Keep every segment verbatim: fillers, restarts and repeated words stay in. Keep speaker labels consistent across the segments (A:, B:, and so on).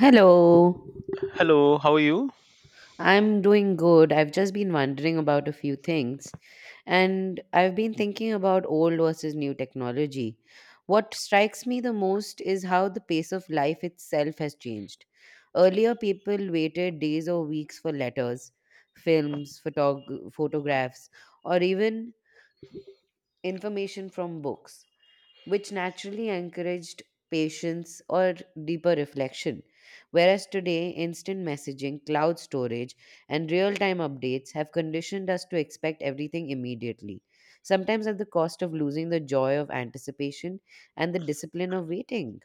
A: Hello.
B: Hello, how are you?
A: I'm doing good. I've just been wondering about a few things. And I've been thinking about old versus new technology. What strikes me the most is how the pace of life itself has changed. Earlier, people waited days or weeks for letters, films, photog- photographs, or even information from books which naturally encouraged patience or deeper reflection. Whereas today, instant messaging, cloud storage, and real time updates have conditioned us to expect everything immediately, sometimes at the cost of losing the joy of anticipation and the discipline of waiting.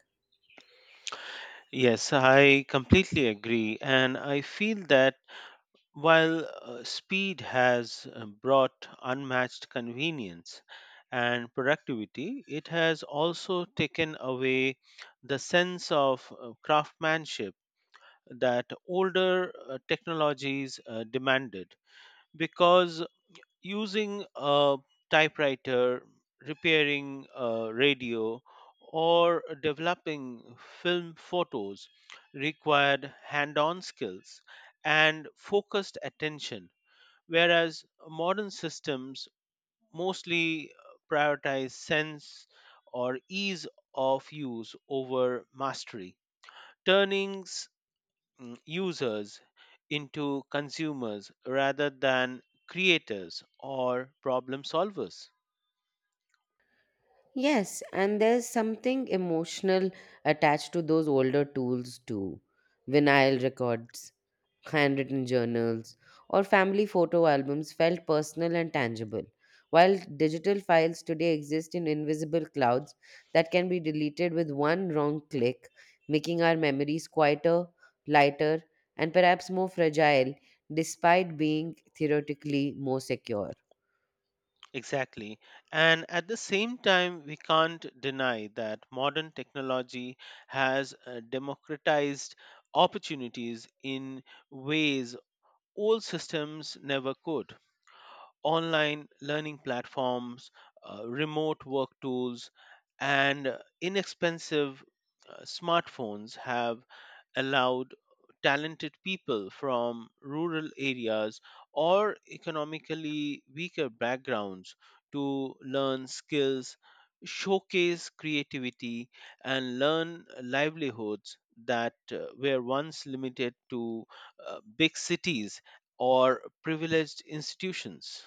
B: Yes, I completely agree. And I feel that while uh, speed has uh, brought unmatched convenience and productivity, it has also taken away the sense of uh, craftsmanship that older uh, technologies uh, demanded because using a typewriter, repairing a radio, or developing film photos required hand on skills and focused attention, whereas modern systems mostly uh, prioritize sense or ease of use over mastery, turning mm, users into consumers rather than creators or problem solvers.
A: Yes, and there's something emotional attached to those older tools too. Vinyl records, handwritten journals, or family photo albums felt personal and tangible, while digital files today exist in invisible clouds that can be deleted with one wrong click, making our memories quieter, lighter, and perhaps more fragile despite being theoretically more secure.
B: Exactly. And at the same time, we can't deny that modern technology has uh, democratized opportunities in ways old systems never could. Online learning platforms, uh, remote work tools, and uh, inexpensive uh, smartphones have allowed talented people from rural areas or economically weaker backgrounds to learn skills, showcase creativity, and learn livelihoods that uh, were once limited to uh, big cities or privileged institutions.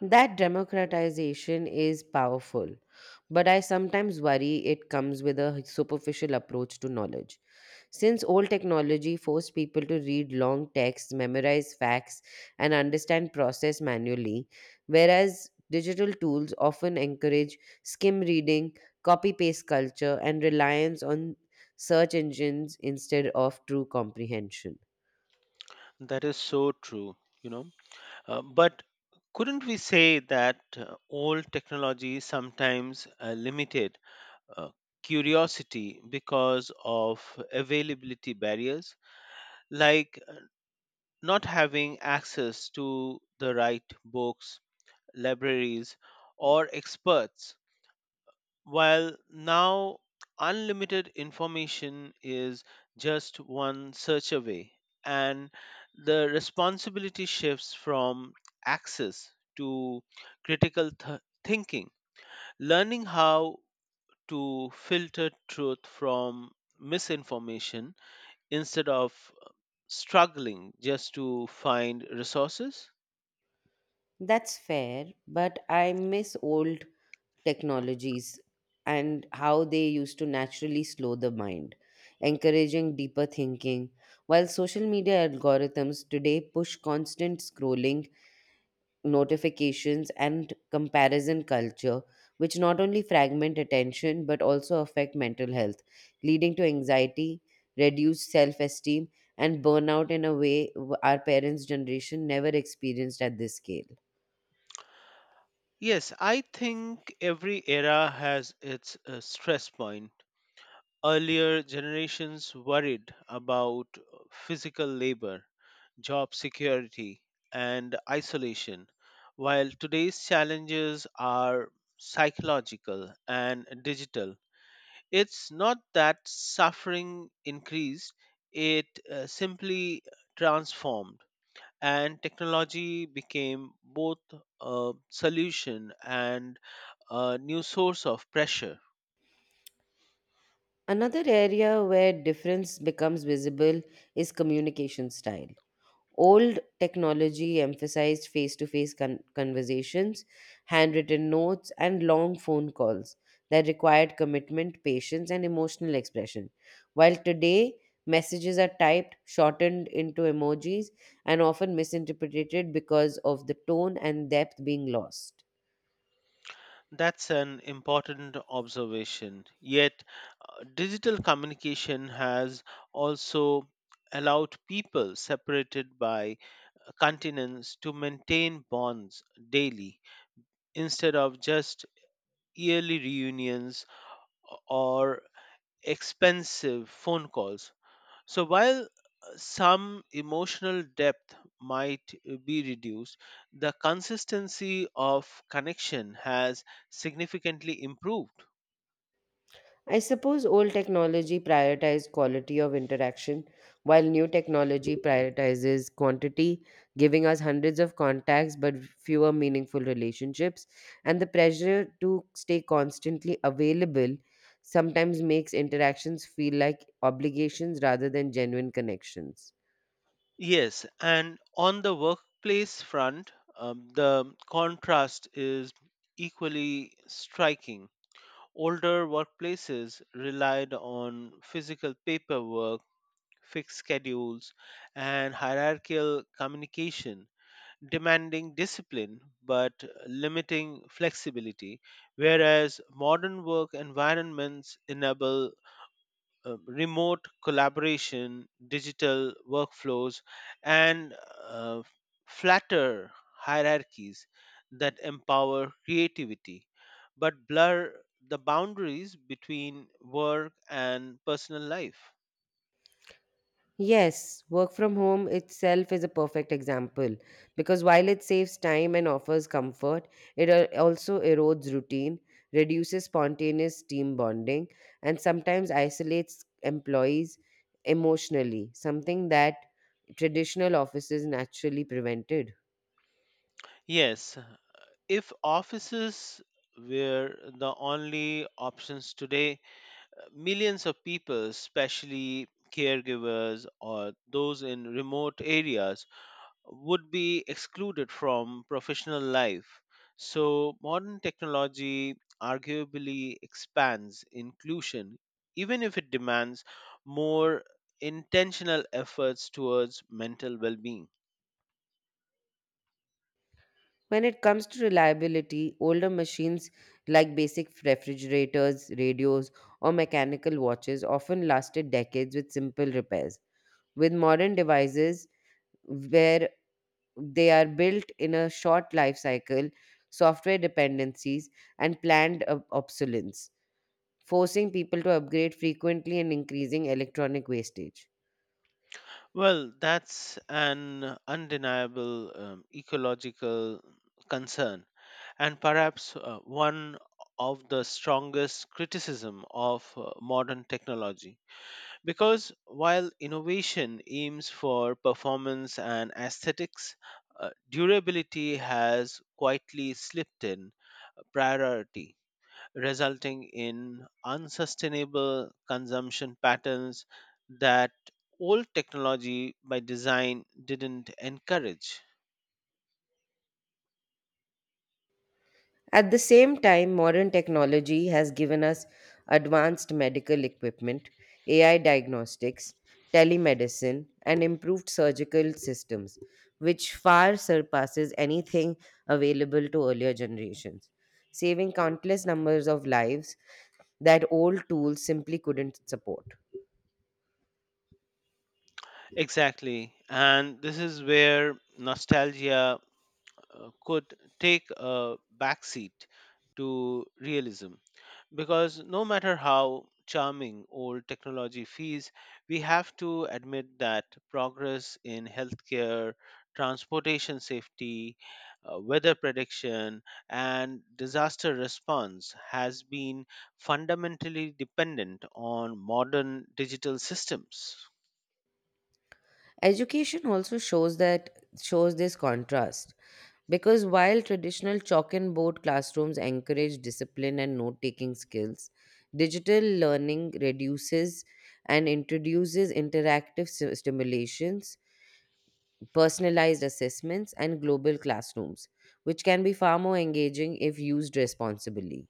A: That democratization is powerful, but I sometimes worry it comes with a superficial approach to knowledge. Since old technology forced people to read long texts, memorize facts, and understand process manually, whereas digital tools often encourage skim reading, copy paste culture, and reliance on search engines instead of true comprehension.
B: That is so true, you know. Uh, but couldn't we say that uh, old technology sometimes uh, limited uh, curiosity because of availability barriers, like uh, not having access to the right books, libraries, or experts? While now unlimited information is just one search away, and the responsibility shifts from access to critical th- thinking, learning how to filter truth from misinformation instead of struggling just to find resources.
A: That's fair, but I miss old technologies and how they used to naturally slow the mind, encouraging deeper thinking. While social media algorithms today push constant scrolling, notifications, and comparison culture, which not only fragment attention but also affect mental health, leading to anxiety, reduced self esteem, and burnout in a way w- our parents' generation never experienced at this scale.
B: Yes, I think every era has its uh, stress point. Earlier generations worried about physical labor, job security, and isolation, while today's challenges are psychological and digital. It's not that suffering increased, it uh, simply transformed, and technology became both a solution and a new source of pressure.
A: Another area where difference becomes visible is communication style. Old technology emphasized face to face conversations, handwritten notes, and long phone calls that required commitment, patience, and emotional expression. While today, messages are typed, shortened into emojis, and often misinterpreted because of the tone and depth being lost.
B: That's an important observation. Yet, uh, digital communication has also allowed people separated by uh, continents to maintain bonds daily instead of just yearly reunions or expensive phone calls. So, while uh, some emotional depth might uh, be reduced, the consistency of connection has significantly improved.
A: I suppose old technology prioritized quality of interaction, while new technology prioritizes quantity, giving us hundreds of contacts but fewer meaningful relationships. And the pressure to stay constantly available sometimes makes interactions feel like obligations rather than genuine connections.
B: Yes, and on the workplace front, um, the contrast is equally striking. Older workplaces relied on physical paperwork, fixed schedules, and hierarchical communication, demanding discipline but limiting flexibility, whereas modern work environments enable uh, remote collaboration, digital workflows, and uh, flatter hierarchies that empower creativity but blur the boundaries between work and personal life.
A: Yes, work from home itself is a perfect example because while it saves time and offers comfort, it al- also erodes routine, reduces spontaneous team bonding, and sometimes isolates employees emotionally, something that traditional offices naturally prevented.
B: Yes, if offices were the only options today, millions of people, especially caregivers or those in remote areas, would be excluded from professional life. So, modern technology arguably expands inclusion, even if it demands more intentional efforts towards mental well being.
A: When it comes to reliability, older machines like basic refrigerators, radios, or mechanical watches often lasted decades with simple repairs. With modern devices, where they are built in a short life cycle, software dependencies, and planned ob- obsolescence, forcing people to upgrade frequently and increasing electronic wastage.
B: Well, that's an undeniable um, ecological concern, and perhaps uh, one of the strongest criticism of uh, modern technology. Because while innovation aims for performance and aesthetics, uh, durability has quietly slipped in uh, priority, resulting in unsustainable consumption patterns that old technology by design didn't encourage.
A: At the same time, modern technology has given us advanced medical equipment, A I diagnostics, telemedicine, and improved surgical systems, which far surpasses anything available to earlier generations, saving countless numbers of lives that old tools simply couldn't support.
B: Exactly. And this is where nostalgia uh, could take a backseat to realism. Because no matter how charming old technology feels, we have to admit that progress in healthcare, transportation safety, uh, weather prediction, and disaster response has been fundamentally dependent on modern digital systems.
A: Education also shows that shows this contrast. Because while traditional chalk and board classrooms encourage discipline and note taking skills, digital learning reduces and introduces interactive sti- stimulations, personalized assessments, and global classrooms, which can be far more engaging if used responsibly.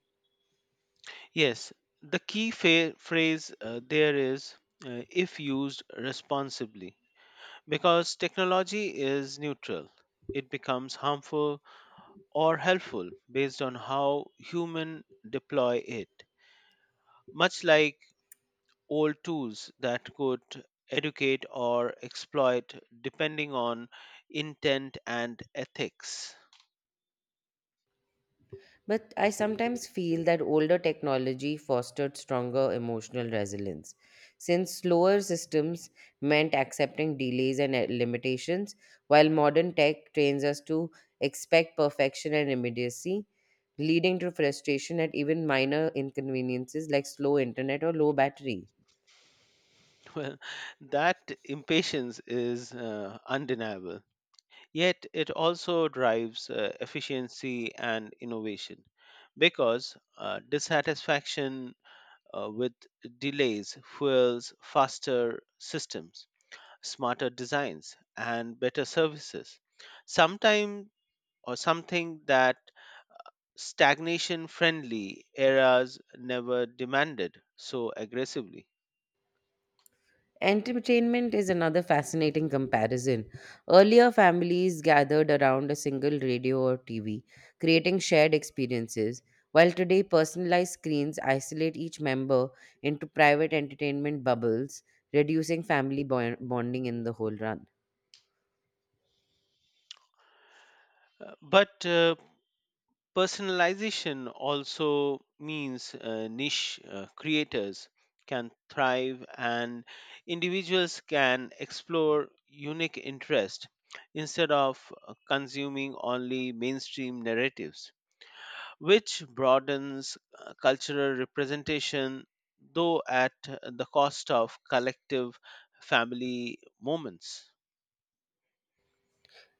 B: Yes, the key fa- phrase uh, there is uh, if used responsibly, because technology is neutral. It becomes harmful or helpful based on how human deploy it, much like old tools that could educate or exploit depending on intent and ethics.
A: But I sometimes feel that older technology fostered stronger emotional resilience. Since slower systems meant accepting delays and uh, limitations, while modern tech trains us to expect perfection and immediacy, leading to frustration at even minor inconveniences like slow internet or low battery.
B: Well, that impatience is uh, undeniable, yet it also drives uh, efficiency and innovation because uh, dissatisfaction uh, with delays fuels faster systems, smarter designs and better services, sometime or something that stagnation friendly eras never demanded so aggressively.
A: Entertainment is another fascinating comparison. Earlier, families gathered around a single radio or T V, creating shared experiences, while today, personalized screens isolate each member into private entertainment bubbles, reducing family bo- bonding in the whole run.
B: Uh, but uh, personalization also means uh, niche uh, creators can thrive and individuals can explore unique interest instead of uh, consuming only mainstream narratives, which broadens uh, cultural representation, though at the cost of collective family moments.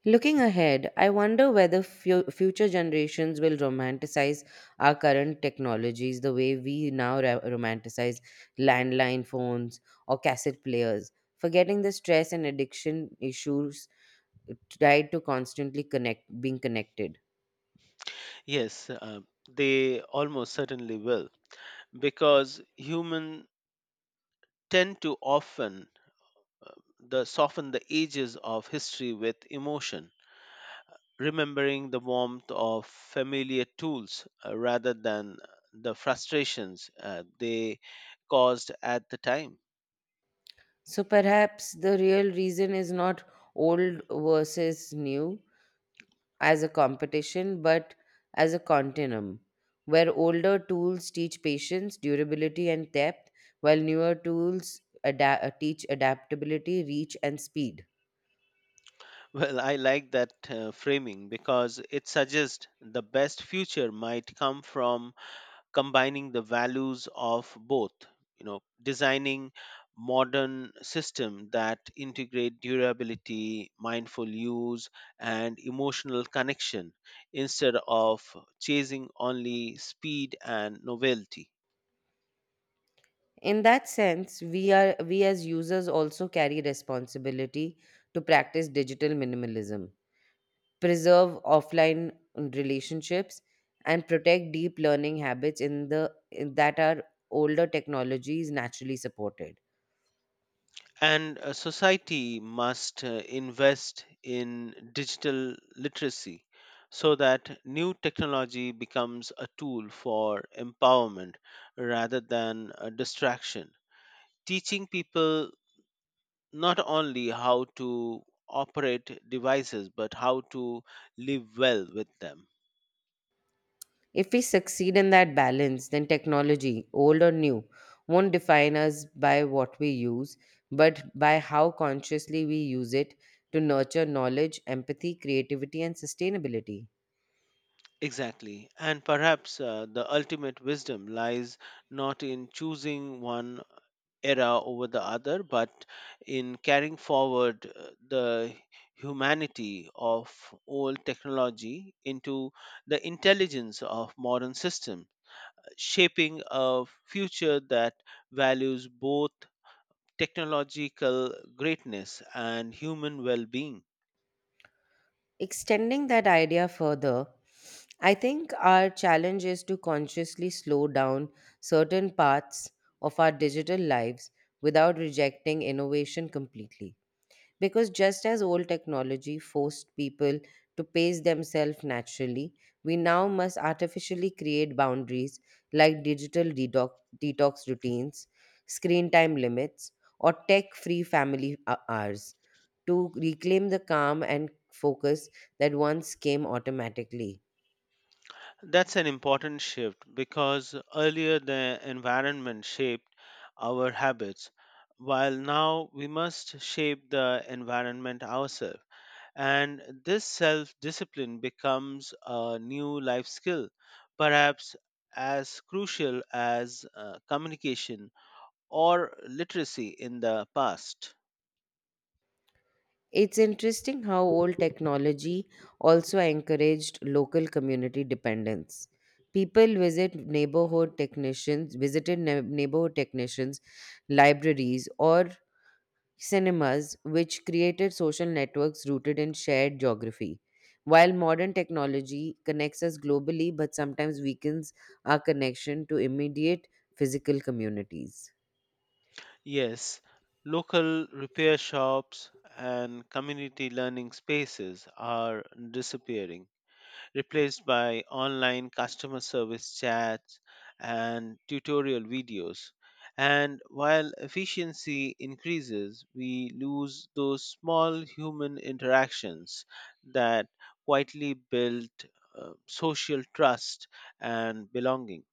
A: Looking ahead, I wonder whether fu- future generations will romanticize our current technologies the way we now ra- romanticize landline phones or cassette players, forgetting the stress and addiction issues tied to constantly connect being connected.
B: Yes, uh, they almost certainly will, because humans tend to often uh, the soften the edges of history with emotion, remembering the warmth of familiar tools uh, rather than the frustrations uh, they caused at the time.
A: So perhaps the real reason is not old versus new, as a competition but as a continuum, where older tools teach patience, durability, and depth, while newer tools ada- uh, teach adaptability, reach, and speed.
B: Well, I like that uh, framing because it suggests the best future might come from combining the values of both, you know, designing modern system that integrate durability, mindful use and emotional connection instead of chasing only speed and novelty.
A: In that sense, we, are, we as users also carry responsibility to practice digital minimalism, preserve offline relationships, and protect deep learning habits in the in that are older technologies naturally supported.
B: And uh, society must uh, invest in digital literacy so that new technology becomes a tool for empowerment rather than a distraction. Teaching people not only how to operate devices but how to live well with them.
A: If we succeed in that balance, then technology, old or new, won't define us by what we use, but by how consciously we use it to nurture knowledge, empathy, creativity, and sustainability.
B: Exactly. And perhaps uh, the ultimate wisdom lies not in choosing one era over the other, but in carrying forward uh, the humanity of old technology into the intelligence of modern system, shaping a future that values both technological greatness and human well-being.
A: Extending that idea further, I think our challenge is to consciously slow down certain parts of our digital lives without rejecting innovation completely. Because just as old technology forced people to pace themselves naturally, we now must artificially create boundaries like digital detox, detox routines, screen time limits, or tech free family hou- hours to reclaim the calm and focus that once came automatically.
B: That's an important shift because earlier the environment shaped our habits, while now we must shape the environment ourselves. And this self discipline becomes a new life skill, perhaps as crucial as uh, communication or literacy in the past.
A: It's interesting how old technology also encouraged local community dependence. People visit neighborhood technicians, visited ne- neighborhood technicians, libraries, or cinemas, which created social networks rooted in shared geography. While modern technology connects us globally, but sometimes weakens our connection to immediate physical communities.
B: Yes, local repair shops and community learning spaces are disappearing, replaced by online customer service chats and tutorial videos. And while efficiency increases, we lose those small human interactions that quietly build uh, social trust and belonging.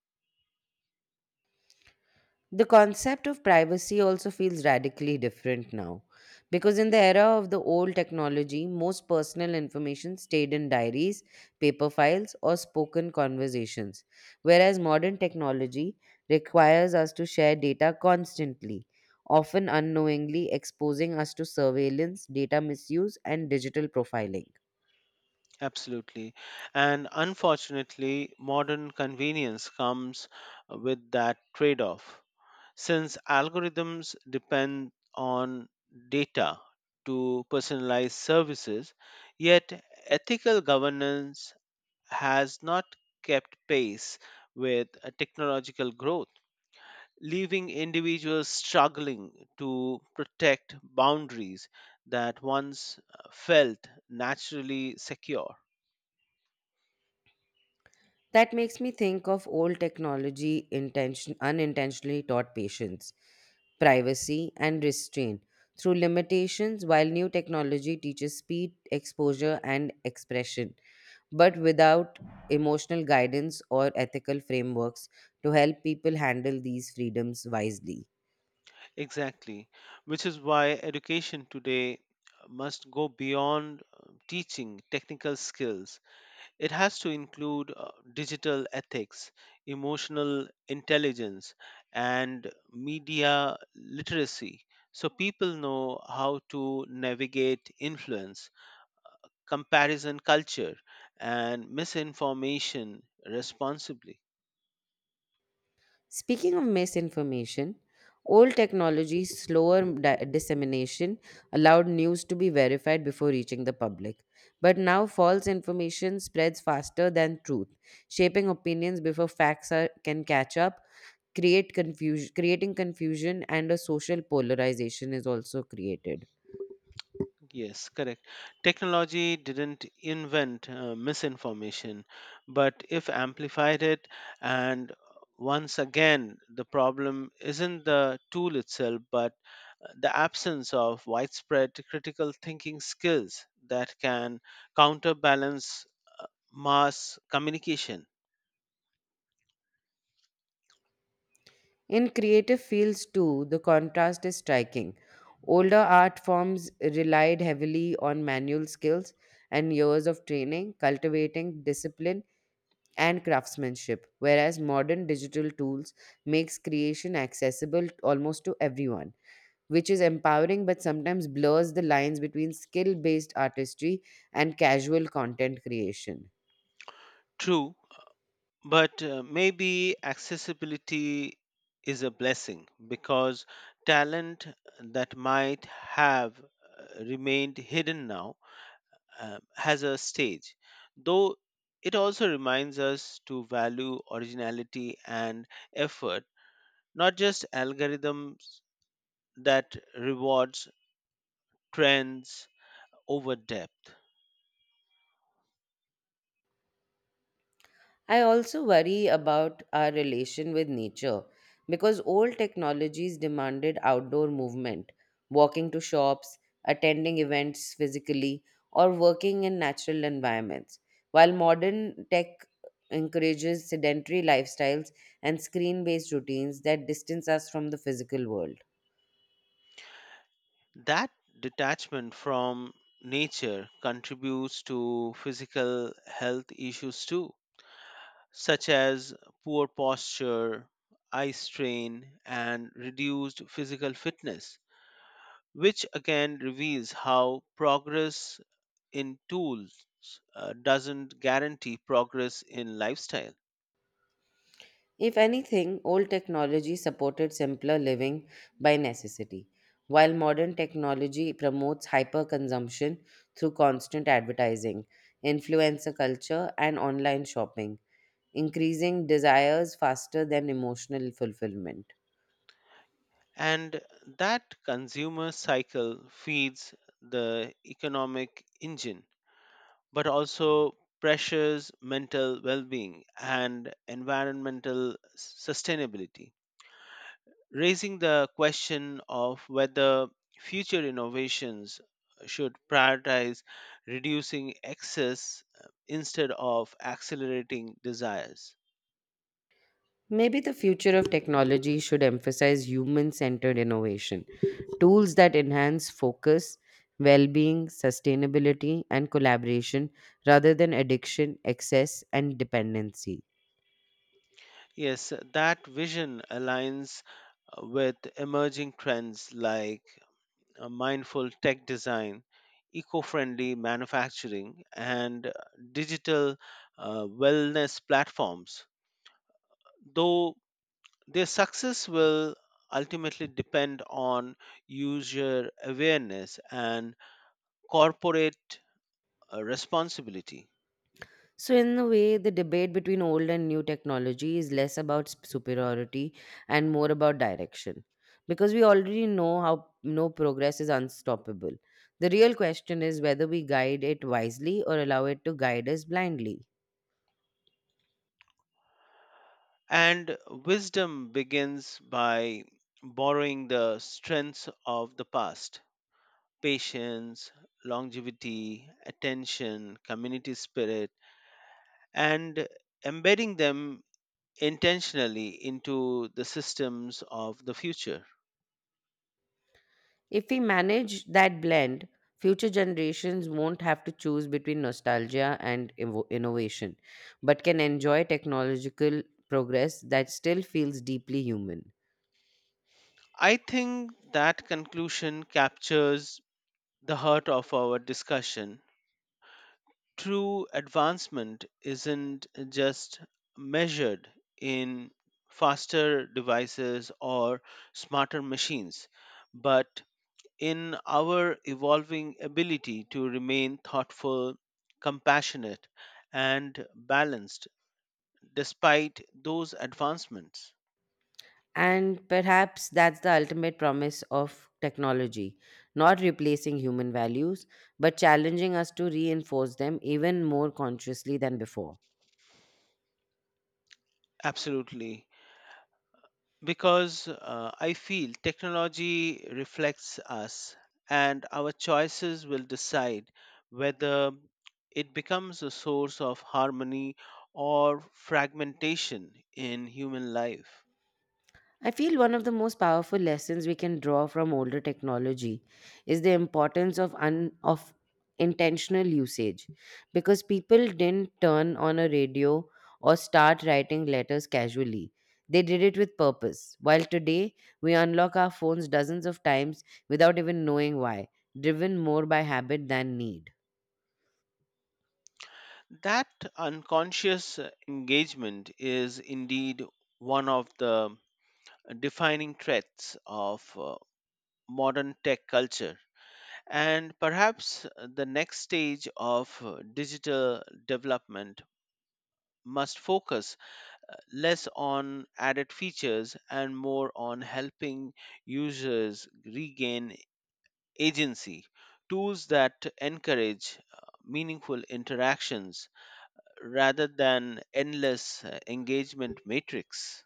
A: The concept of privacy also feels radically different now because in the era of the old technology, most personal information stayed in diaries, paper files, or spoken conversations, whereas modern technology requires us to share data constantly, often unknowingly exposing us to surveillance, data misuse, and digital profiling.
B: Absolutely. And unfortunately, modern convenience comes with that trade off. Since algorithms depend on data to personalize services, yet ethical governance has not kept pace with uh, technological growth, leaving individuals struggling to protect boundaries that once uh, felt naturally secure.
A: That makes me think of old technology intention, unintentionally taught patience privacy, and restraint through limitations, while new technology teaches speed, exposure, and expression, but without emotional guidance or ethical frameworks to help people handle these freedoms wisely.
B: Exactly, which is why education today must go beyond uh, teaching technical skills. It has to include uh, digital ethics, emotional intelligence, and media literacy so people know how to navigate influence, comparison culture, and misinformation responsibly.
A: Speaking of misinformation, old technology's slower di- dissemination allowed news to be verified before reaching the public. But now, false information spreads faster than truth, shaping opinions before facts are, can catch up create confusion creating confusion and a social polarization is also created
B: Yes, correct. Technology didn't invent uh, misinformation, but if amplified it, and once again, the problem isn't the tool itself, but the absence of widespread critical thinking skills that can counterbalance uh, mass communication.
A: in creative fields too the contrast is striking older art forms relied heavily on manual skills and years of training cultivating discipline and craftsmanship whereas modern digital tools makes creation accessible almost to everyone which is empowering but sometimes blurs the lines between skill based artistry and casual content creation.
B: True, but uh, maybe accessibility is a blessing because talent that might have uh, remained hidden now uh, has a stage, though it also reminds us to value originality and effort, not just algorithms that rewards trends over depth.
A: I also worry about our relation with nature because old technologies demanded outdoor movement, walking to shops, attending events physically, or working in natural environments, while modern tech encourages sedentary lifestyles and screen based routines that distance us from the physical world.
B: That detachment from nature contributes to physical health issues too, such as poor posture, eye strain, and reduced physical fitness, which again reveals how progress in tools uh, doesn't guarantee progress in lifestyle.
A: If anything, old technology supported simpler living by necessity, while modern technology promotes hyperconsumption through constant advertising, influencer culture, and online shopping, increasing desires faster than emotional fulfillment.
B: And that consumer cycle feeds the economic engine but also pressures mental well-being and environmental sustainability, raising the question of whether future innovations should prioritize reducing excess uh, instead of accelerating desires.
A: Maybe the future of technology should emphasize human centered innovation, tools that enhance focus, well being, sustainability, and collaboration rather than addiction, excess, and dependency.
B: Yes, that vision aligns uh, with emerging trends like uh, mindful tech design, eco friendly manufacturing, and uh, digital uh, wellness platforms. Though their success will ultimately depend on user awareness and corporate uh, responsibility.
A: So, in a way, the debate between old and new technology is less about s- superiority and more about direction. Because we already know how no progress is unstoppable. The real question is whether we guide it wisely or allow it to guide us blindly.
B: And wisdom begins by borrowing the strengths of the past: patience, longevity, attention, community spirit, and embedding them intentionally into the systems of the future.
A: If we manage that blend, future generations won't have to choose between nostalgia and invo- innovation, but can enjoy technological progress that still feels deeply human.
B: I think that conclusion captures the heart of our discussion. True advancement isn't just measured in faster devices or smarter machines, but in our evolving ability to remain thoughtful, compassionate, and balanced despite those advancements.
A: And perhaps that's the ultimate promise of technology not replacing human values, but challenging us to reinforce them even more consciously than before.
B: Absolutely. Because uh, I feel technology reflects us, and our choices will decide whether it becomes a source of harmony or fragmentation in human life.
A: I feel one of the most powerful lessons we can draw from older technology is the importance of un- of intentional usage because people didn't turn on a radio or start writing letters casually. They did it with purpose. While today we unlock our phones dozens of times without even knowing why, driven more by habit than need.
B: That unconscious engagement is indeed one of the defining threats of uh, modern tech culture. And perhaps uh, the next stage of uh, digital development must focus uh, less on added features and more on helping users regain agency. Tools that encourage uh, meaningful interactions uh, rather than endless uh, engagement matrix.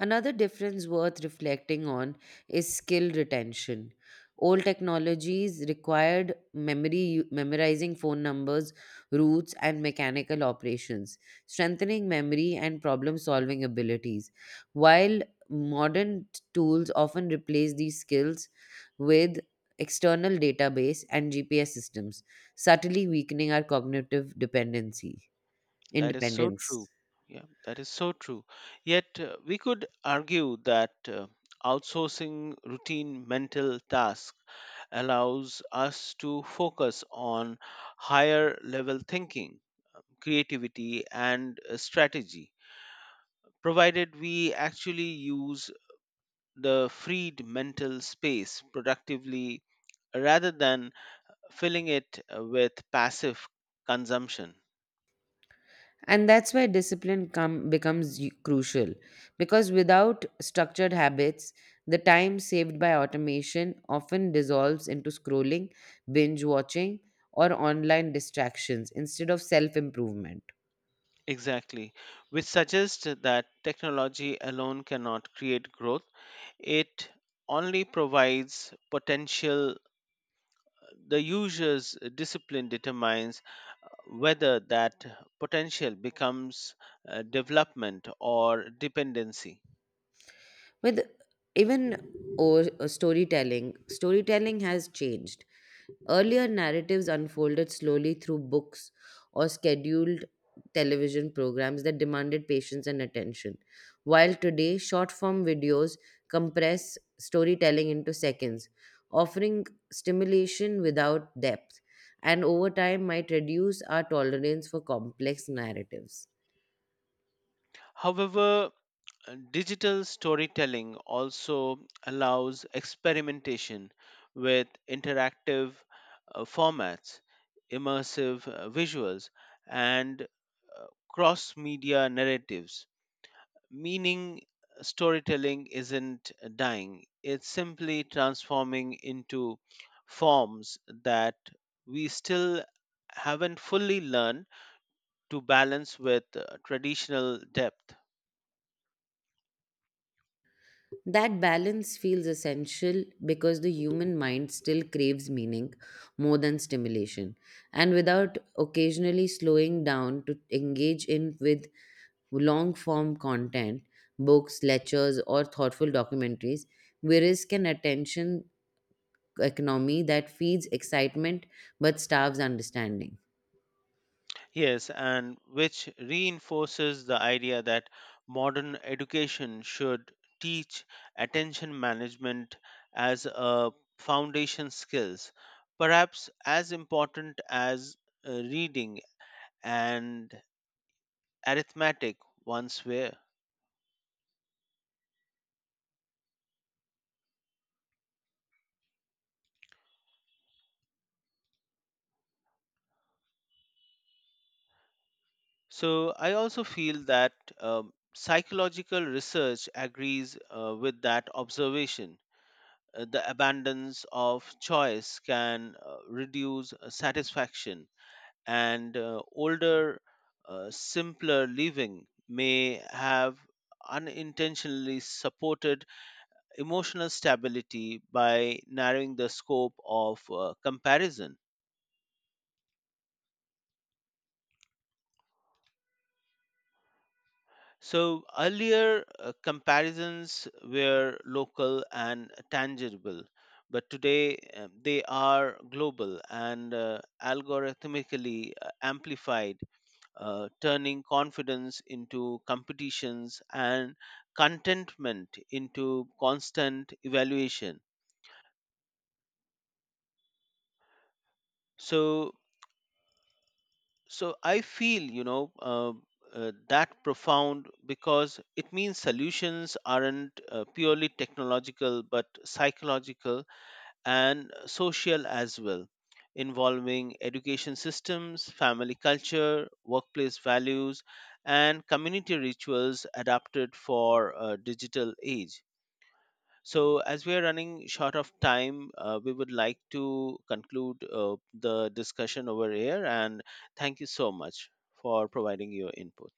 A: Another difference worth reflecting on is skill retention. Old technologies required memory, memorizing phone numbers, routes, and mechanical operations, strengthening memory and problem solving abilities. While modern tools often replace these skills with external database and G P S systems, subtly weakening our cognitive dependency,
B: That is so
A: independence.
B: true. Yeah, that is so true. Yet, uh, we could argue that uh, outsourcing routine mental tasks allows us to focus on higher level thinking, creativity, and uh, strategy, provided we actually use the freed mental space productively rather than filling it uh, with passive consumption.
A: And that's where discipline come, becomes y- crucial because without structured habits the time saved by automation often dissolves into scrolling binge watching or online distractions instead of self improvement
B: Exactly, which suggests that technology alone cannot create growth. It only provides potential. The user's discipline determines whether that potential becomes uh, development or dependency.
A: with even o- storytelling storytelling has changed. Earlier narratives unfolded slowly through books or scheduled television programs that demanded patience and attention. While today, short form videos compress storytelling into seconds, offering stimulation without depth, and over time might reduce our tolerance for complex narratives.
B: However, Uh, digital storytelling also allows experimentation with interactive uh, formats, immersive uh, visuals, and cross media narratives, meaning storytelling isn't dying, it's simply transforming into forms that we still haven't fully learned to balance with uh, traditional depth.
A: That balance feels essential because the human mind still craves meaning more than stimulation. And without occasionally slowing down to engage in with long form content, books, lectures, or thoughtful documentaries, we risk an attention economy that feeds excitement but starves understanding.
B: Yes, and which reinforces the idea that modern education should teach attention management as a foundation skills, perhaps as important as uh, reading and arithmetic once were. So I also feel that um, psychological research agrees uh, with that observation. Uh, the abundance of choice can uh, reduce uh, satisfaction and uh, older, uh, simpler living may have unintentionally supported emotional stability by narrowing the scope of uh, comparison. So, earlier uh, comparisons were local and tangible, but today um, they are global and uh, algorithmically uh, amplified, uh, turning confidence into competitions and contentment into constant evaluation. so so i feel you know uh, uh, that profound because it means solutions aren't uh, purely technological but psychological and social as well, involving education systems, family culture, workplace values, and community rituals adapted for a digital age. So, as we are running short of time, uh, we would like to conclude uh, the discussion over here. And thank you so much for providing your input.